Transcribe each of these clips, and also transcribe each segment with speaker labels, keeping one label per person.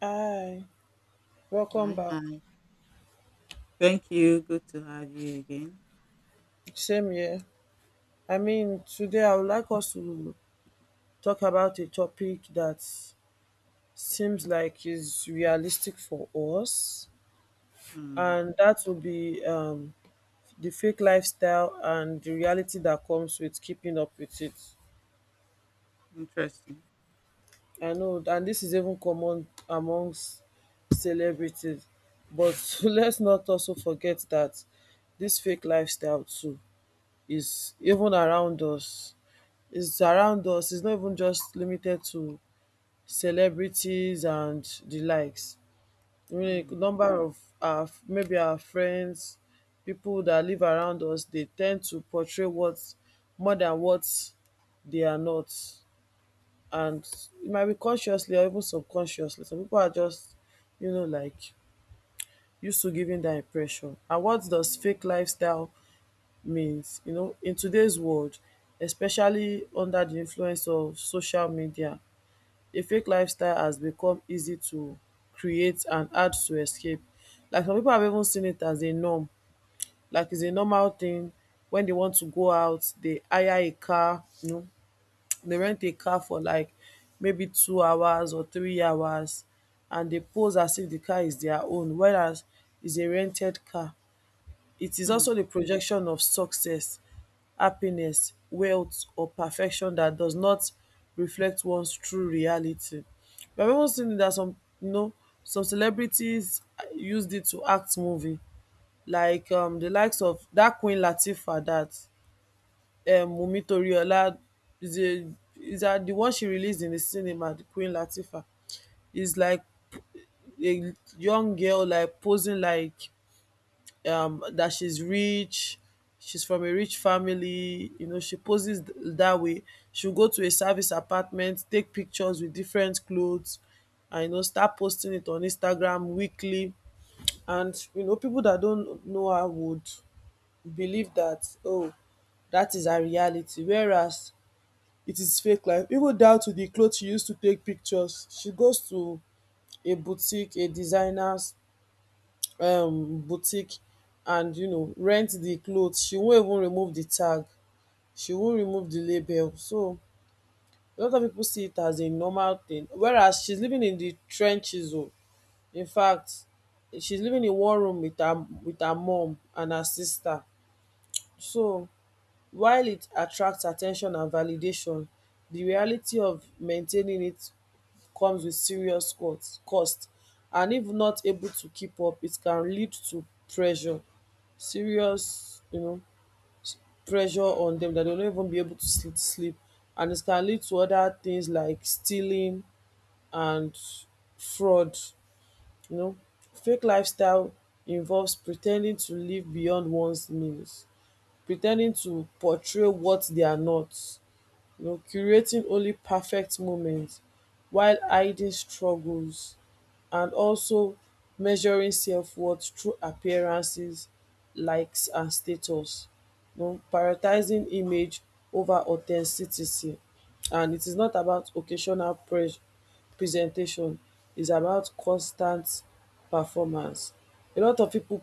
Speaker 1: Hi, welcome
Speaker 2: Hi,
Speaker 1: back.
Speaker 2: hi. Thank you. Good to have you again.
Speaker 1: Same here. I mean, today I would like us to talk about a topic that seems like is realistic for us,
Speaker 2: Mm,
Speaker 1: and that will be the fake lifestyle and the reality that comes with keeping up with it.
Speaker 2: interesting.
Speaker 1: I know, and this is even common amongst celebrities, but let's not also forget that this fake lifestyle too is even around us is around us. It's not even just limited to celebrities and the likes. I mean, a
Speaker 2: Mm,
Speaker 1: number of our maybe our friends, people that live around us, they tend to portray what more than what they are not. And it might be consciously or even subconsciously. Some people are just, you know, like used to giving that impression. And what does fake lifestyle means? You know, in today's world, especially under the influence of social media, a fake lifestyle has become easy to create and hard to escape. Like some people have even seen it as a norm, like it's a normal thing. When they want to go out, they hire a car, you know, they rent a car for like maybe 2 hours or 3 hours and they pose as if the car is their own, whereas it's a rented car. It is also the
Speaker 2: mm,
Speaker 1: projection of success, happiness, wealth or perfection that does not reflect one's true reality. I have even seen that some you know some celebrities used it to act movie like the likes of that Queen Latifah that Wunmi Toriola is a is that the one she released in the cinema, the Queen Latifah is like a young girl like posing like that she's rich, she's from a rich family, you know, she poses that way. She'll go to a service apartment, take pictures with different clothes, and you know, start posting it on Instagram weekly. And you know, people that don't know her would believe that, oh, that is her reality. Whereas it is fake life. Even down to the clothes she used to take pictures. She goes to a boutique, a designer's boutique, and you know rent the clothes. She won't even remove the tag, she won't remove the label. So a lot of people see it as a normal thing, whereas she's living in the trenches. Oh, in fact, she's living in one room with her mom and her sister. So while it attracts attention and validation, the reality of maintaining it comes with serious cost, and if not able to keep up it can lead to pressure, serious you know pressure on them that they will not even be able to sleep. And it can lead to other things like stealing and fraud, you know. Fake lifestyle involves pretending to live beyond one's means, pretending to portray what they are not, you know, curating only perfect moments while hiding struggles, and also measuring self-worth through appearances, likes and status. You know, prioritizing image over authenticity. And it is not about occasional presentation, it's about constant performance. A lot of people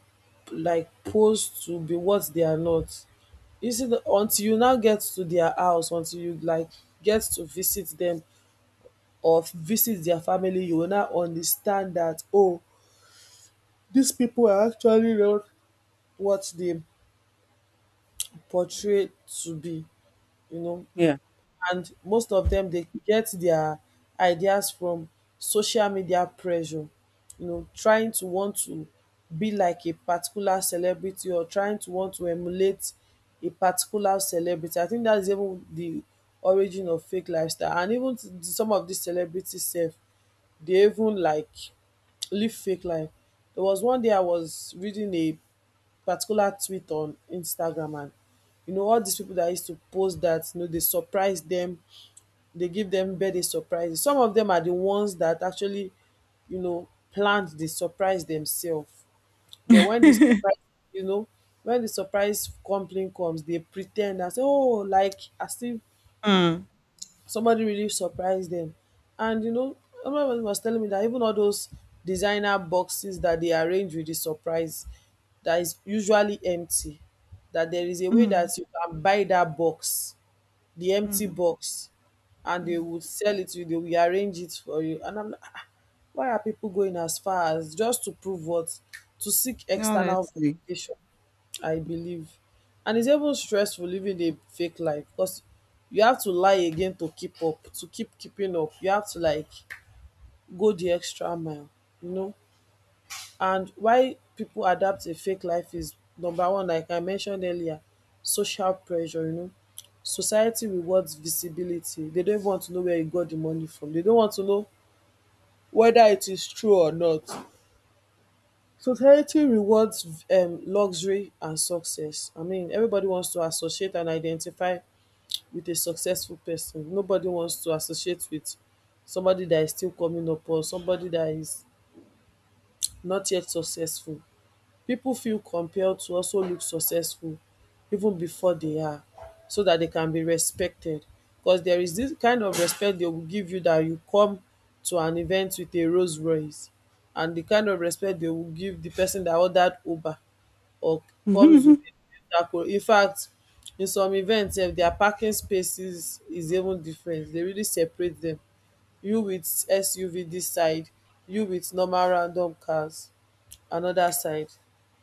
Speaker 1: like pose to be what they are not. You see, the until you now get to their house, until you like get to visit them or visit their family, you will now understand that oh, these people are actually not what they portray to be, you know.
Speaker 2: yeah.
Speaker 1: And most of them they get their ideas from social media pressure, you know, trying to want to be like a particular celebrity or trying to want to emulate a particular celebrity. I think that's even the origin of fake lifestyle. And even some of these celebrities sef, they even like live fake life. There was one day I was reading a particular tweet on Instagram, and you know all these people that used to post that you know they surprise them, they give them birthday surprises. Some of them are the ones that actually, you know, planned the surprise themselves. Then when the surprise, you know, when the surprise complaint comes, they pretend and say, "Oh," like as if
Speaker 2: Mm,
Speaker 1: somebody really surprised them. And you know, everybody was telling me that even all those designer boxes that they arrange with the surprise that is usually empty, that there is a way that
Speaker 2: mm,
Speaker 1: you can buy that box, the empty
Speaker 2: mm,
Speaker 1: box, and they
Speaker 2: mm.
Speaker 1: would sell it to you, they will arrange it for you. And I'm like, "Ah, why are people going as far as just to prove what? To seek external
Speaker 2: Honestly.
Speaker 1: validation," I believe. And it's even stressful living a fake life because you have to lie again to keep up, to keep keeping up. You have to like go the extra mile, you know. And why people adapt a fake life is number one, like I mentioned earlier, social pressure, you know. Society rewards visibility. They don't want to know where you got the money from. They don't want to know whether it is true or not. Society rewards luxury and success. I mean, everybody wants to associate and identify with a successful person. Nobody wants to associate with somebody that is still coming up or somebody that is not yet successful. People feel compelled to also look successful even before they are, so that they can be respected, cos there is this kind of respect they will give you that you come to an event with a Rolls Royce, and the kind of respect they will give the person that ordered Uber or comes with a infact in fact, in some events, sef dia parking spaces is even different. They really separate them. You with SUV this side, you with normal random cars another side.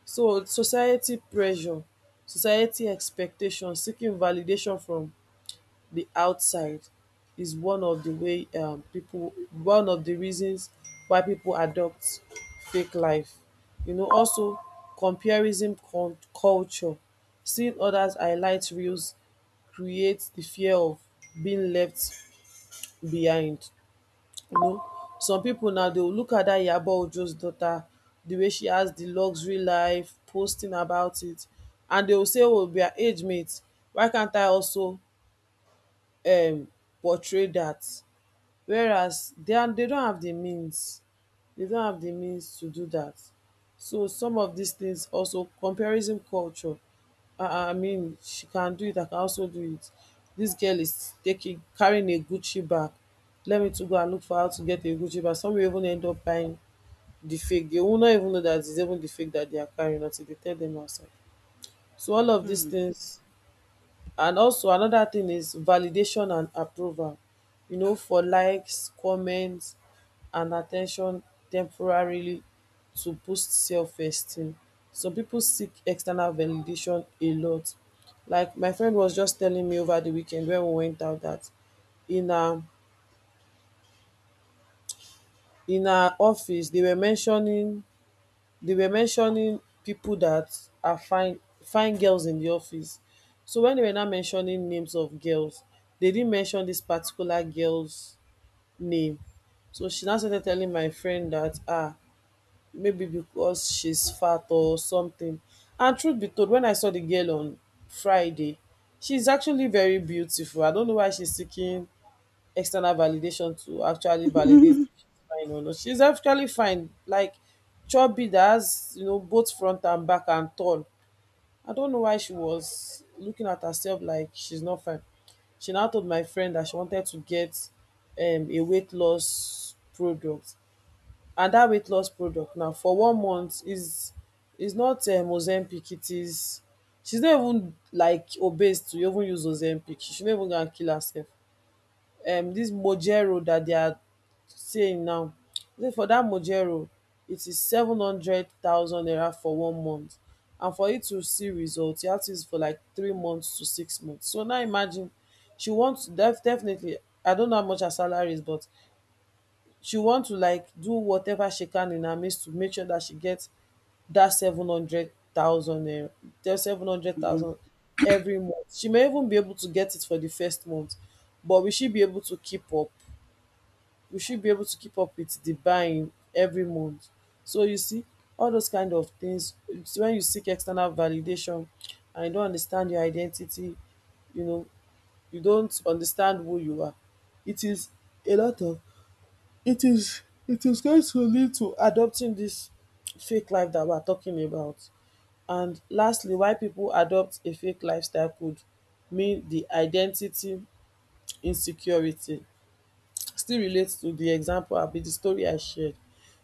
Speaker 1: So society pressure, society expectation, seeking validation from the outside is one of the way people one of the reasons why people adopt fake life. You know, also comparison culture, seeing others highlight reels creates the fear of being left behind. You know, some pipu now dey look at dat Iyabo Ojo's daughter, the way she has the luxury life, posting about it, and they will say, ‘Oh, we are age mates, why can't I also um portray dat?' Whereas they are they don't have the means. They don't have the means to do that. So some of these things, also comparison culture. I mean, she can do it. I can also do it. This girl is taking carrying a Gucci bag. Let me to go and look for how to get a Gucci bag. Some will even end up buying the fake. They will not even know that it's even the fake that they are carrying until they tell them outside. So all of these
Speaker 2: Mm,
Speaker 1: things, and also another thing is validation and approval, you know, for likes, comments, and attention temporarily to boost self esteem. Some people seek external validation a lot. Like my friend was just telling me over the weekend when we went out that in her in her office they were mentioning people that are fine fine girls in the office. So when they were now mentioning names of girls, they didn't mention this particular girl's name. So she now started telling my friend that ah maybe because she's fat or something. And truth be told, when I saw the girl on Friday, she's actually very beautiful. I don't know why she's seeking external validation to actually validate if she's fine or not. She's actually fine. Like chubby that has, you know, both front and back and tall. I don't know why she was looking at herself like she's not fine. She now told my friend that she wanted to get a weight loss product. And that weight loss product now for 1 month is not Ozempic. It is she's not even like obese to even use Ozempic. She should not even go and kill herself. This mojero that they are saying now, say for that mojero it is 700,000 naira for one month, and for you to see results, you have to use it for like 3 months to 6 months. So now imagine she wants definitely, I don't know how much her salary is, but she wants to like do whatever she can in her means to make sure that she gets that 700,000 naira, that seven hundred
Speaker 2: mm.
Speaker 1: thousand every month. She may even be able to get it for the first month, but will she be able to keep up? We should be able to keep up with the buying every month. So you see, all those kind of things, it's when you seek external validation and you don't understand your identity, you know, you don't understand who you are. It is a lot of it is it is going to lead to adopting this fake life that we're talking about. And lastly, why people adopt a fake lifestyle could mean the identity insecurity still relates to the example abi the story I shared.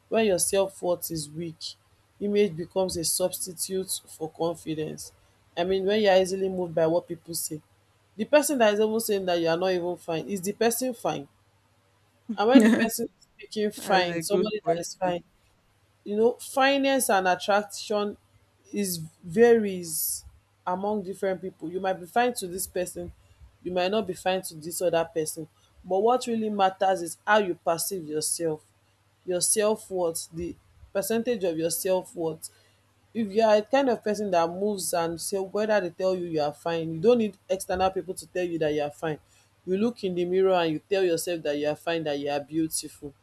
Speaker 1: When your self worth is weak, image becomes a substitute for confidence. I mean, when you are easily moved by what people say, the person that is even saying that you are not even fine, is the person fine? And when the
Speaker 2: That's
Speaker 1: person is speaking
Speaker 2: a
Speaker 1: fine,
Speaker 2: good
Speaker 1: somebody that is
Speaker 2: question.
Speaker 1: fine, fineness and attraction is varies among different people. You might be fine to this person, you might not be fine to this other person. But what really matters is how you perceive yourself, your self worth, the percentage of your self worth. If you are a kind of person that moves and say whether they tell you you are fine, you don't need external people to tell you that you are fine. You look in the mirror and you tell yourself that you are fine, that you are beautiful.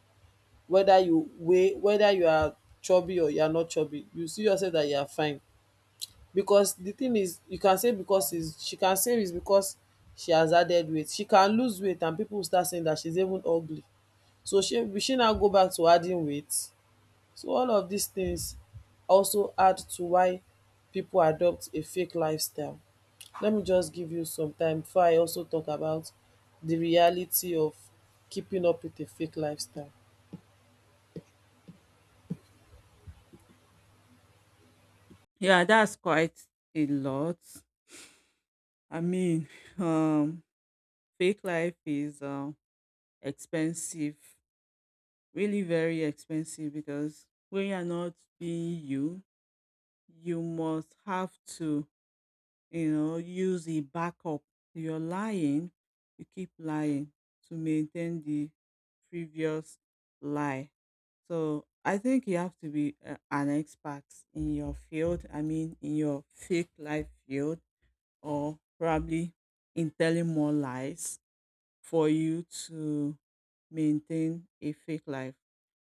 Speaker 1: Whether you are chubby or you are not chubby, you see yourself that you are fine, because the thing is, you can say because is she can say is because she has added weight, she can lose weight and people will start saying that she's even ugly, so she now go back to adding weight. So all of these things also add to why people adopt a fake lifestyle. Let me just give you some time before I also talk about the reality of keeping up with a fake lifestyle.
Speaker 2: Yeah, that's quite a lot. I mean, um, fake life is expensive, really very expensive because when you're not being you, you must have to use a backup. You're lying, you keep lying to maintain the previous lie. So I think you have to be an expert in your field. I mean, in your fake life field, or probably in telling more lies for you to maintain a fake life.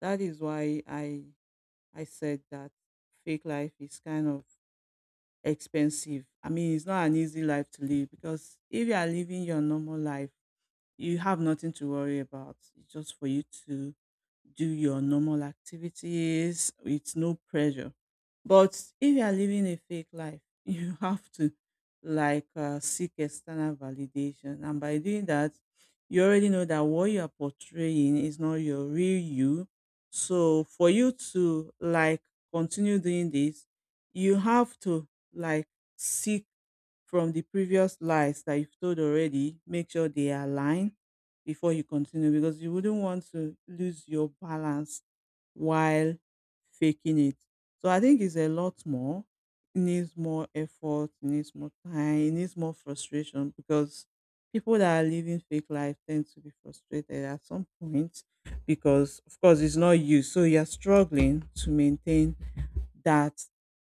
Speaker 2: That is why I said that fake life is kind of expensive. I mean, it's not an easy life to live because if you are living your normal life, you have nothing to worry about. It's just for you to do your normal activities with no pressure. But if you are living a fake life, you have to like seek external validation. And by doing that, you already know that what you are portraying is not your real you. So for you to like continue doing this, you have to like seek from the previous lies that you've told already, make sure they align before you continue because you wouldn't want to lose your balance while faking it. So I think it's a lot more. It needs more effort, it needs more time, it needs more frustration because people that are living fake life tend to be frustrated at some point because of course it's not you. So you're struggling to maintain that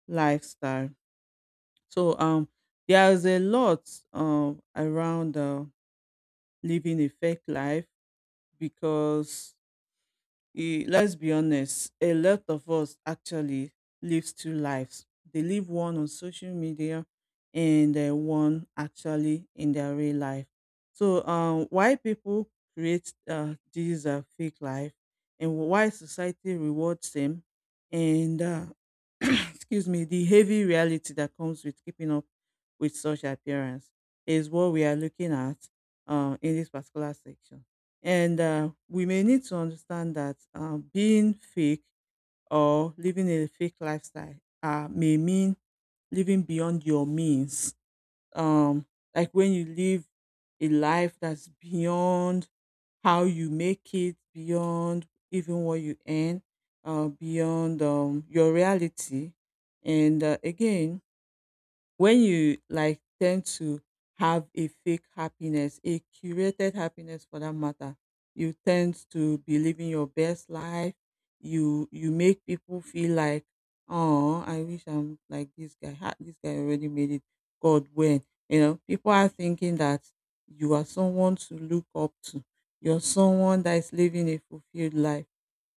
Speaker 2: lifestyle. So there's a lot around living a fake life because, eh, let's be honest, a lot of us actually lives two lives. They live one on social media and one actually in their real life. So, why people create these fake life and why society rewards them and excuse me, the heavy reality that comes with keeping up with such appearance is what we are looking at in this particular section. And we may need to understand that being fake or living a fake lifestyle may mean living beyond your means. Um, like when you live a life that's beyond how you make it, beyond even what you earn, beyond your reality. And again, when you like tend to have a fake happiness, a curated happiness for that matter, you tend to be living your best life. You make people feel like, oh, I wish I'm like this guy. Ha, this guy already made it. God, when you know people are thinking that you are someone to look up to. You're someone that is living a fulfilled life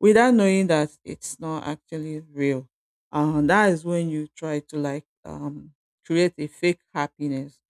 Speaker 2: without knowing that it's not actually real. That is when you try to like create a fake happiness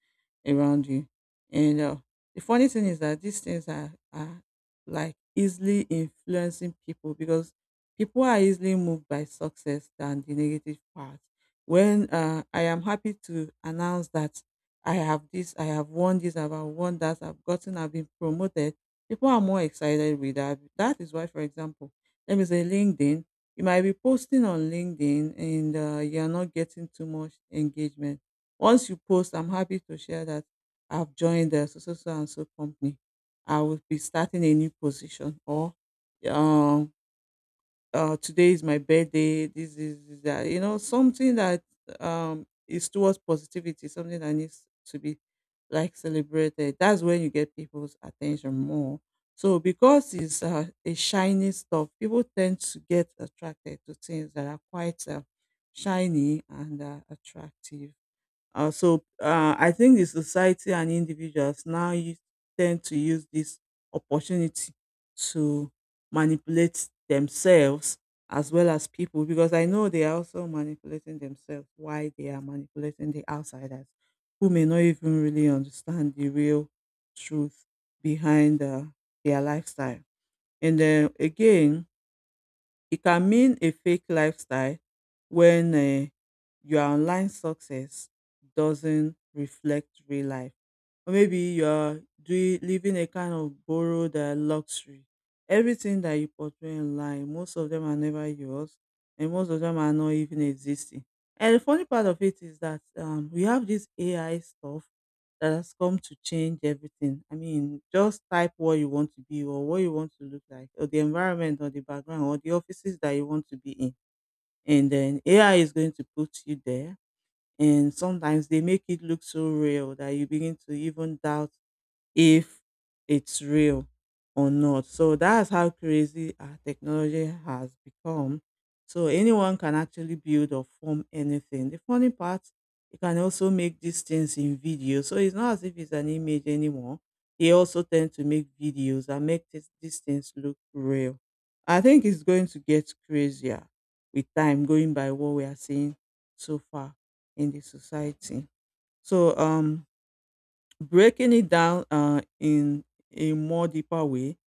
Speaker 2: around you. And the funny thing is that these things are like easily influencing people because people are easily moved by success than the negative part. When I am happy to announce that I have this, I have won this, I've won that, I've gotten, I've been promoted, people are more excited with that. That is why, for example, let me say LinkedIn, you might be posting on LinkedIn and you're not getting too much engagement once you post, I'm happy to share that I've joined the so so so and so company. I will be starting a new position or um today is my birthday. This is this, that you know something that is towards positivity, something that needs to be like celebrated. That's when you get people's attention more. So because it's a shiny stuff, people tend to get attracted to things that are quite shiny and attractive. So I think the society and individuals now tend to use this opportunity to manipulate themselves as well as people because I know they are also manipulating themselves why they are manipulating the outsiders who may not even really understand the real truth behind their lifestyle. And then again, it can mean a fake lifestyle when your online success doesn't reflect real life or maybe you are doing living a kind of borrowed luxury. Everything that you portray online, most of them are never yours, and most of them are not even existing. And the funny part of it is that we have this AI stuff that has come to change everything. I mean, just type what you want to be or what you want to look like, or the environment, or the background, or the offices that you want to be in, and then AI is going to put you there and sometimes they make it look so real that you begin to even doubt if it's real or not. So that's how crazy our technology has become. So anyone can actually build or form anything. The funny part, you can also make these things in video. So it's not as if it's an image anymore. They also tend to make videos and make these things look real. I think it's going to get crazier with time going by what we are seeing so far in the society. So breaking it down in a more deeper way,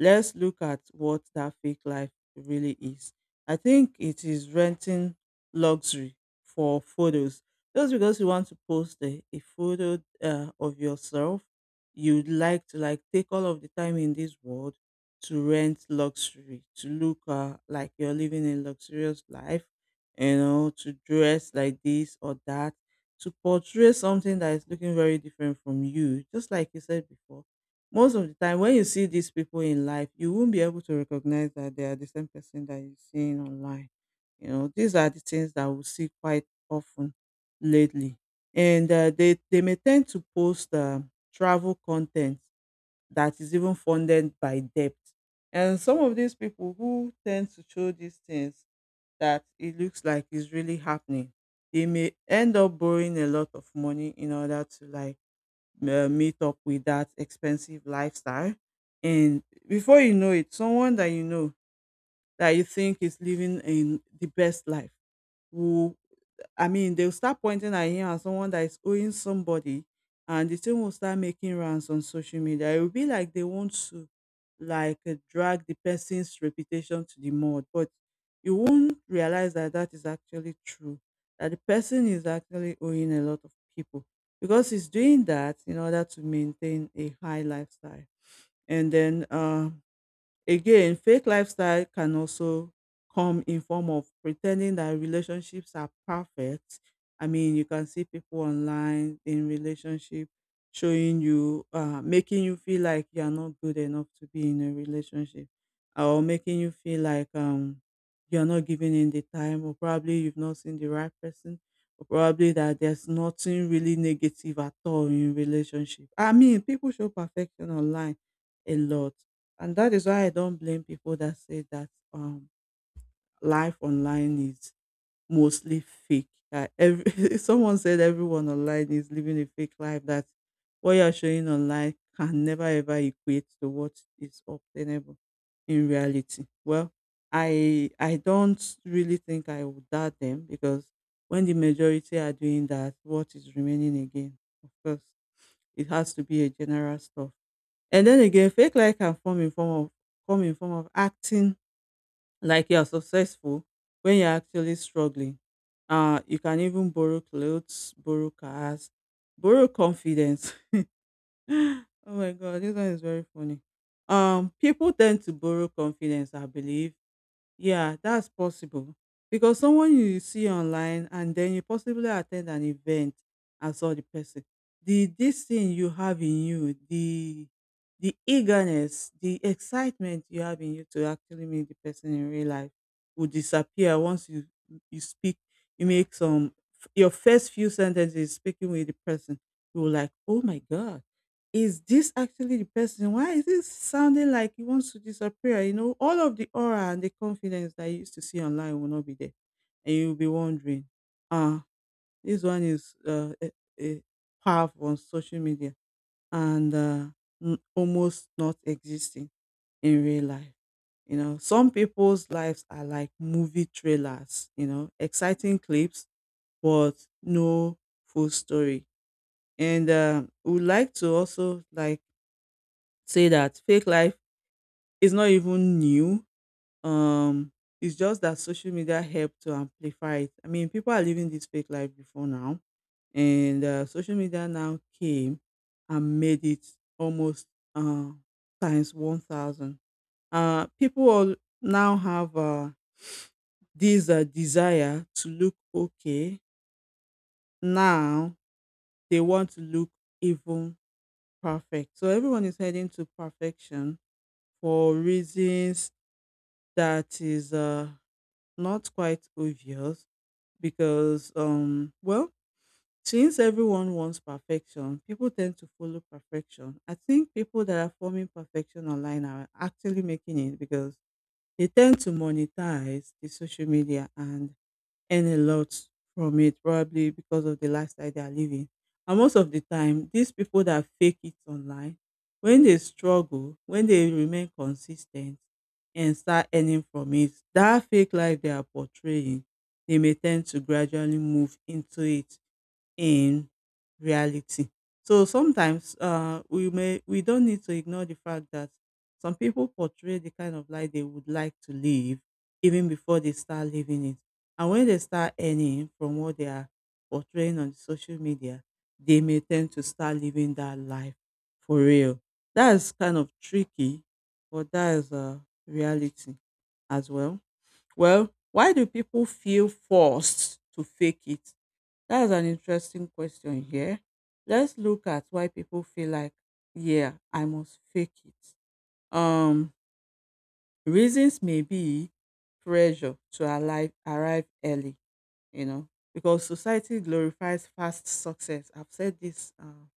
Speaker 2: let's look at what that fake life really is. I think it is renting luxury for photos. Just because you want to post a photo of yourself, you'd like to like take all of the time in this world to rent luxury, to look like you're living a luxurious life, you know, to dress like this or that to portray something that is looking very different from you. Just like you said before, most of the time when you see these people in life, you won't be able to recognize that they are the same person that you're seeing online. You know, these are the things that we see quite often lately. And they may tend to post travel content that is even funded by debt. And some of these people who tend to show these things that it looks like is really happening. They may end up borrowing a lot of money in order to like meet up with that expensive lifestyle. And before you know it, someone that you know that you think is living in the best life will. I mean, they'll start pointing at him as someone that is owing somebody, and the thing will start making rounds on social media. It will be like they want to, like, drag the person's reputation to the mud, but you won't realize that that is actually true. That the person is actually owing a lot of people because he's doing that in order to maintain a high lifestyle. And then, again, fake lifestyle can also come in form of pretending that relationships are perfect. I mean, you can see people online in relationship showing you, making you feel like you are not good enough to be in a relationship, or making you feel like you are not giving in the time, or probably you've not seen the right person, or probably that there's nothing really negative at all in relationship. I mean, people show perfection online a lot and that is why I don't blame people that say that life online is mostly fake. That every someone said everyone online is living a fake life. That what you are showing online can never ever equate to what is obtainable in reality. Well, I don't really think I would doubt them because when the majority are doing that, what is remaining again? Of course, it has to be a general stuff. And then again, fake life can form in form of come in form of acting like you are successful when you're actually struggling. You can even borrow clothes, borrow cars, borrow confidence. Oh my god, this one is very funny. People tend to borrow confidence, I believe, yeah, that's possible. Because someone you see online and then you possibly attend an event and saw the person. The this thing you have in you, the eagerness, the excitement you have in you to actually meet the person in real life will disappear once you speak, you make some your first few sentences speaking with the person, you will like, oh my god, is this actually the person? Why is this sounding like he wants to disappear? You know, all of the aura and the confidence that you used to see online will not be there. And you'll be wondering, ah, this one is a powerful on social media and almost not existing in real life. You know, some people's lives are like movie trailers, you know, exciting clips, but no full story. And We would like to also say that fake life is not even new. Um, it's just that social media helped to amplify it. I mean, people are living this fake life before now, and social media now came and made it almost uh, times 1,000. People all now have this desire to look okay. Now they want to look even perfect. So everyone is heading to perfection for reasons that is not quite obvious because, well, since everyone wants perfection, people tend to follow perfection. I think people that are forming perfection online are actually making it because they tend to monetize the social media and earn a lot from it, probably because of the lifestyle they are living. And most of the time, these people that fake it online, when they struggle, when they remain consistent and start earning from it, that fake life they are portraying, they may tend to gradually move into it in reality. So sometimes we don't need to ignore the fact that some people portray the kind of life they would like to live even before they start living it. And when they start earning from what they are portraying on social media, they may tend to start living that life for real. That's kind of tricky, but that is a reality as well. Well, why do people feel forced to fake it? That's an interesting question here. Let's look at why people feel like, yeah, I must fake it. Um, Reasons may be pressure to arrive early, you know, because society glorifies fast success. I've said this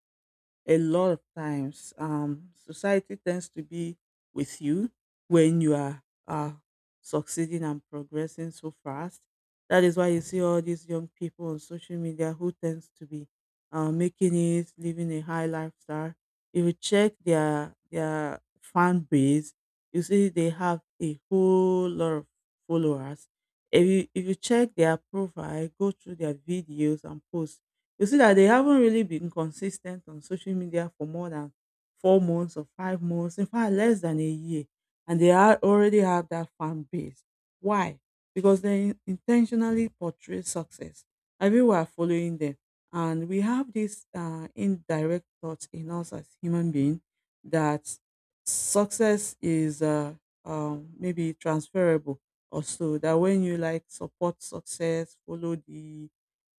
Speaker 2: a lot of times. Society tends to be with you when you are succeeding and progressing so fast. That is why you see all these young people on social media who tends to be making it, living a high lifestyle. If you check their fan base, you see they have a whole lot of followers. If you check their profile, go through their videos and posts, you see that they haven't really been consistent on social media for more than 4 months or 5 months, in fact, less than a year. And they are already have that fan base. Why? Because they intentionally portray success. I we are following them. And we have this indirect thought in us as human beings that success is maybe transferable or so. That when you support success, follow the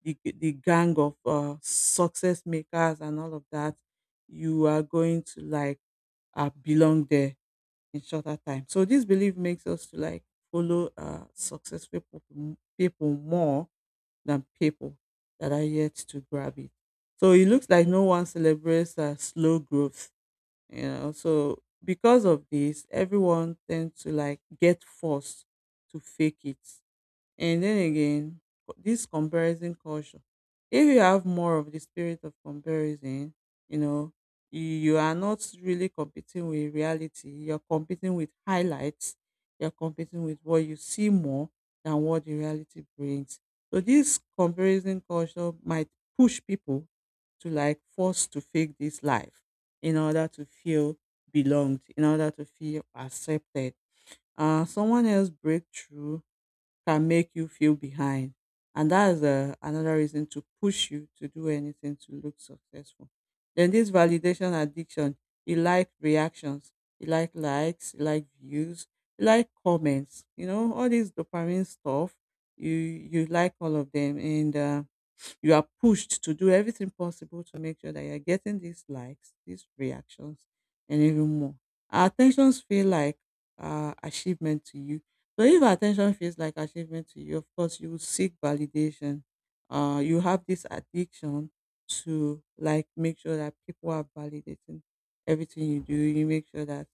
Speaker 2: the, the gang of success makers and all of that, you are going to belong there in shorter time. So this belief makes us to follow successful people, people more than people that are yet to grab it. So it looks like no one celebrates slow growth, you know. So because of this, everyone tends to get forced to fake it. And then again, this comparison culture. If you have more of the spirit of comparison, you know, you are not really competing with reality. You're competing with highlights. You're competing with what you see more than what the reality brings. So this comparison culture might push people to force to fake this life in order to feel belonged, in order to feel accepted. Someone else breakthrough can make you feel behind. And that is another reason to push you to do anything to look successful. Then this validation addiction, you like reactions, you like likes, you like views, you like comments, you know, all this dopamine stuff. You like all of them, and you are pushed to do everything possible to make sure that you're getting these likes, these reactions, and even more. Our attentions feel like achievement to you. So if our attention feels like achievement to you, of course, you will seek validation. You have this addiction to make sure that people are validating everything you do. You make sure that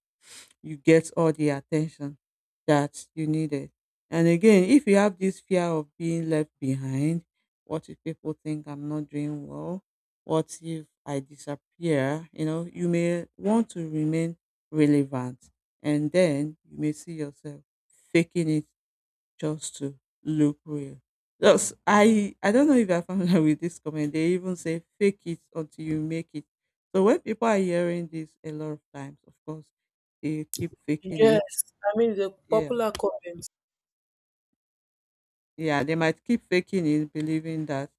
Speaker 2: you get all the attention that you needed. And again, if you have this fear of being left behind, what if people think I'm not doing well? What if I disappear? You know, you may want to remain relevant, and then you may see yourself faking it just to look real. Just I don't know if you're familiar with this comment. They even say fake it until you make it. So when people are hearing this a lot of times, of course, they keep faking
Speaker 1: Yes,
Speaker 2: it.
Speaker 1: I mean the
Speaker 2: Yeah.
Speaker 1: popular comments.
Speaker 2: Yeah, they might keep faking it, believing that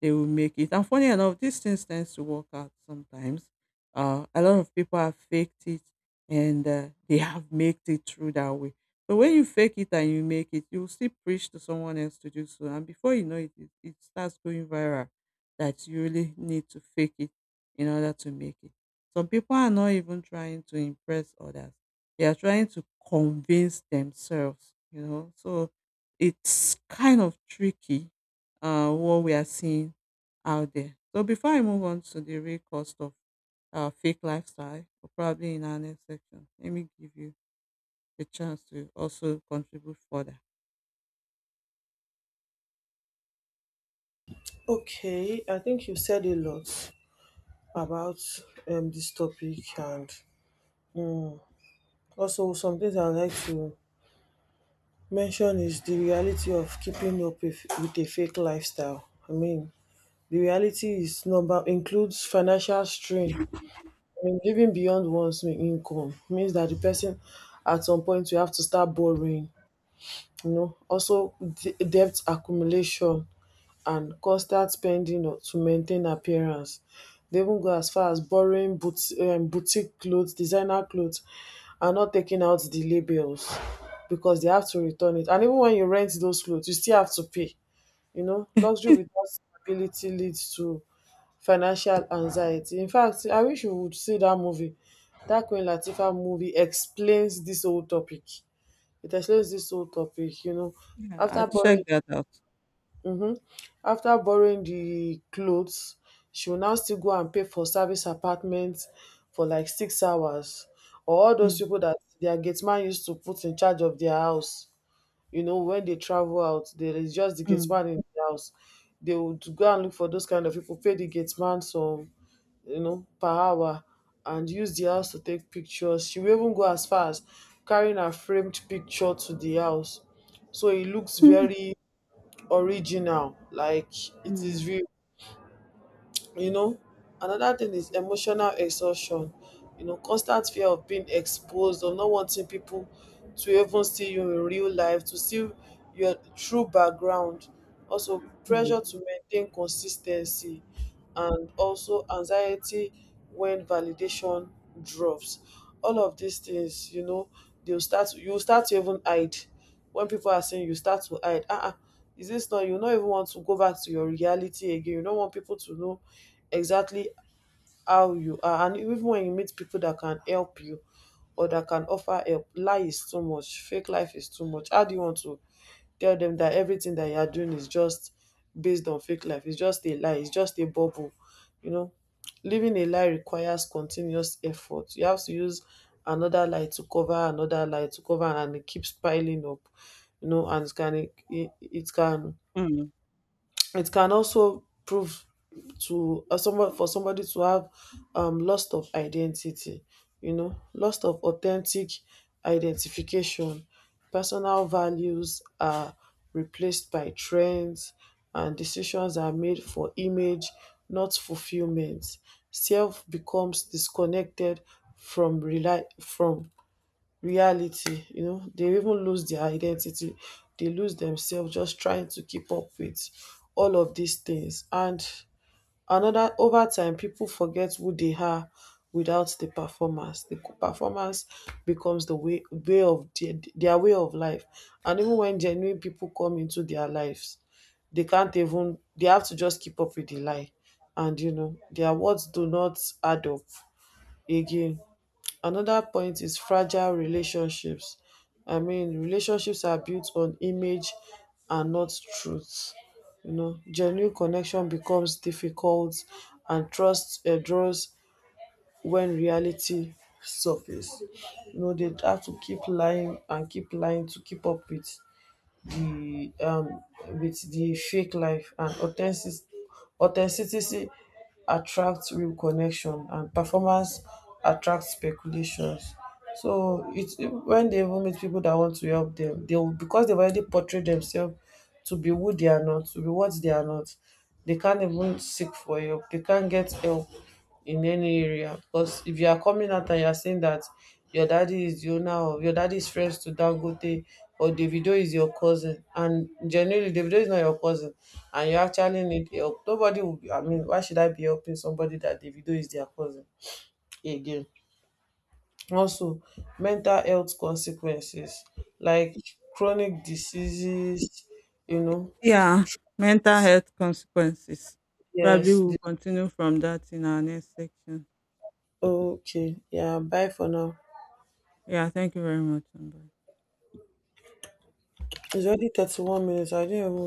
Speaker 2: they will make it. And funny enough, these things tends to work out sometimes. A lot of people have faked it, and they have made it through that way. So when you fake it and you make it, you will still preach to someone else to do so, and before you know it, it starts going viral. That you really need to fake it in order to make it. Some people are not even trying to impress others; they are trying to convince themselves. You know, so it's kind of tricky what we are seeing out there. So before I move on to the real cost of fake lifestyle, or probably in our next section, let me give you a chance to also contribute further.
Speaker 1: Okay, I think you said a lot about this topic, and mm, also some things I'd like to mention is the reality of keeping up with a fake lifestyle. I mean, the reality is number includes financial strain. I mean, living beyond one's income means that the person at some point will have to start borrowing. You know, also debt accumulation and constant spending to maintain appearance. They even go as far as borrowing boutique clothes, designer clothes, and not taking out the labels because they have to return it. And even when you rent those clothes, you still have to pay. You know, luxury without stability leads to financial anxiety. In fact, I wish you would see that movie. That Queen Latifah movie explains this whole topic. It explains this whole topic, you know.
Speaker 2: Yeah, I'll
Speaker 1: After borrowing.
Speaker 2: check that out.
Speaker 1: Mhm. After borrowing the clothes, she will now still go and pay for service apartment for like 6 hours. Or all those
Speaker 2: Mm,
Speaker 1: people that their gate man used to put in charge of their house. You know, when they travel out, there is just the gate
Speaker 2: mm,
Speaker 1: man in the house. They would go and look for those kind of people, pay the gate man some, you know, per hour and use the house to take pictures. She will even go as far as carrying her framed picture to the house. So it looks
Speaker 2: mm,
Speaker 1: very original, like it is
Speaker 2: mm,
Speaker 1: real, you know. Another thing is emotional exhaustion. You know, constant fear of being exposed, of not wanting people to even see you in real life, to see your true background. Also
Speaker 2: mm,
Speaker 1: pressure to maintain consistency and also anxiety when validation drops. All of these things, you know, they'll start you start to even hide. When people are saying, you start to hide, ah, uh, is this not you? Not even want to go back to your reality again. You don't want people to know exactly how you are. And even when you meet people that can help you or that can offer help, lie is too much, fake life is too much. How do you want to tell them that everything that you are doing is just based on fake life? It's just a lie, it's just a bubble, you know. Living a lie requires continuous effort. You have to use another lie to cover another lie to cover, and it keeps piling up, you know. And it can
Speaker 2: mm.
Speaker 1: it can also prove to someone, for somebody to have loss of identity, you know, loss of authentic identification. Personal values are replaced by trends and decisions are made for image, not fulfillment. Self becomes disconnected from reality. You know, they even lose their identity, they lose themselves just trying to keep up with all of these things. And another, over time, people forget who they are without the performance. The performance becomes the way way of their way of life. And even when genuine people come into their lives, they can't even they have to just keep up with the lie, and you know, their words do not add up again. Another point is fragile relationships. I mean, relationships are built on image and not truth. You know, genuine connection becomes difficult and trust erodes when reality surface. You know, they have to keep lying and keep lying to keep up the um with the fake life. And authenticity attracts real connection, and performance attracts speculations. So it's when they even meet people that want to help them, they will, because they've already portrayed themselves to be who they are not, to be what they are not, they can't even seek for help, they can't get help in any area. Because if you are coming out and you are saying that your daddy is friends to Dangote, or Davido is your cousin, and generally Davido is not your cousin and you actually need help, nobody will be, I mean, why should I be helping somebody that Davido is their cousin again? Also mental health consequences, like chronic diseases, you know.
Speaker 2: Yeah, mental health consequences. Probably
Speaker 1: Yes,
Speaker 2: we'll
Speaker 1: this,
Speaker 2: continue from that in our next section.
Speaker 1: okay, yeah, bye for now.
Speaker 2: Yeah, thank you very much. Amber.
Speaker 1: It's already 31 minutes, I didn't even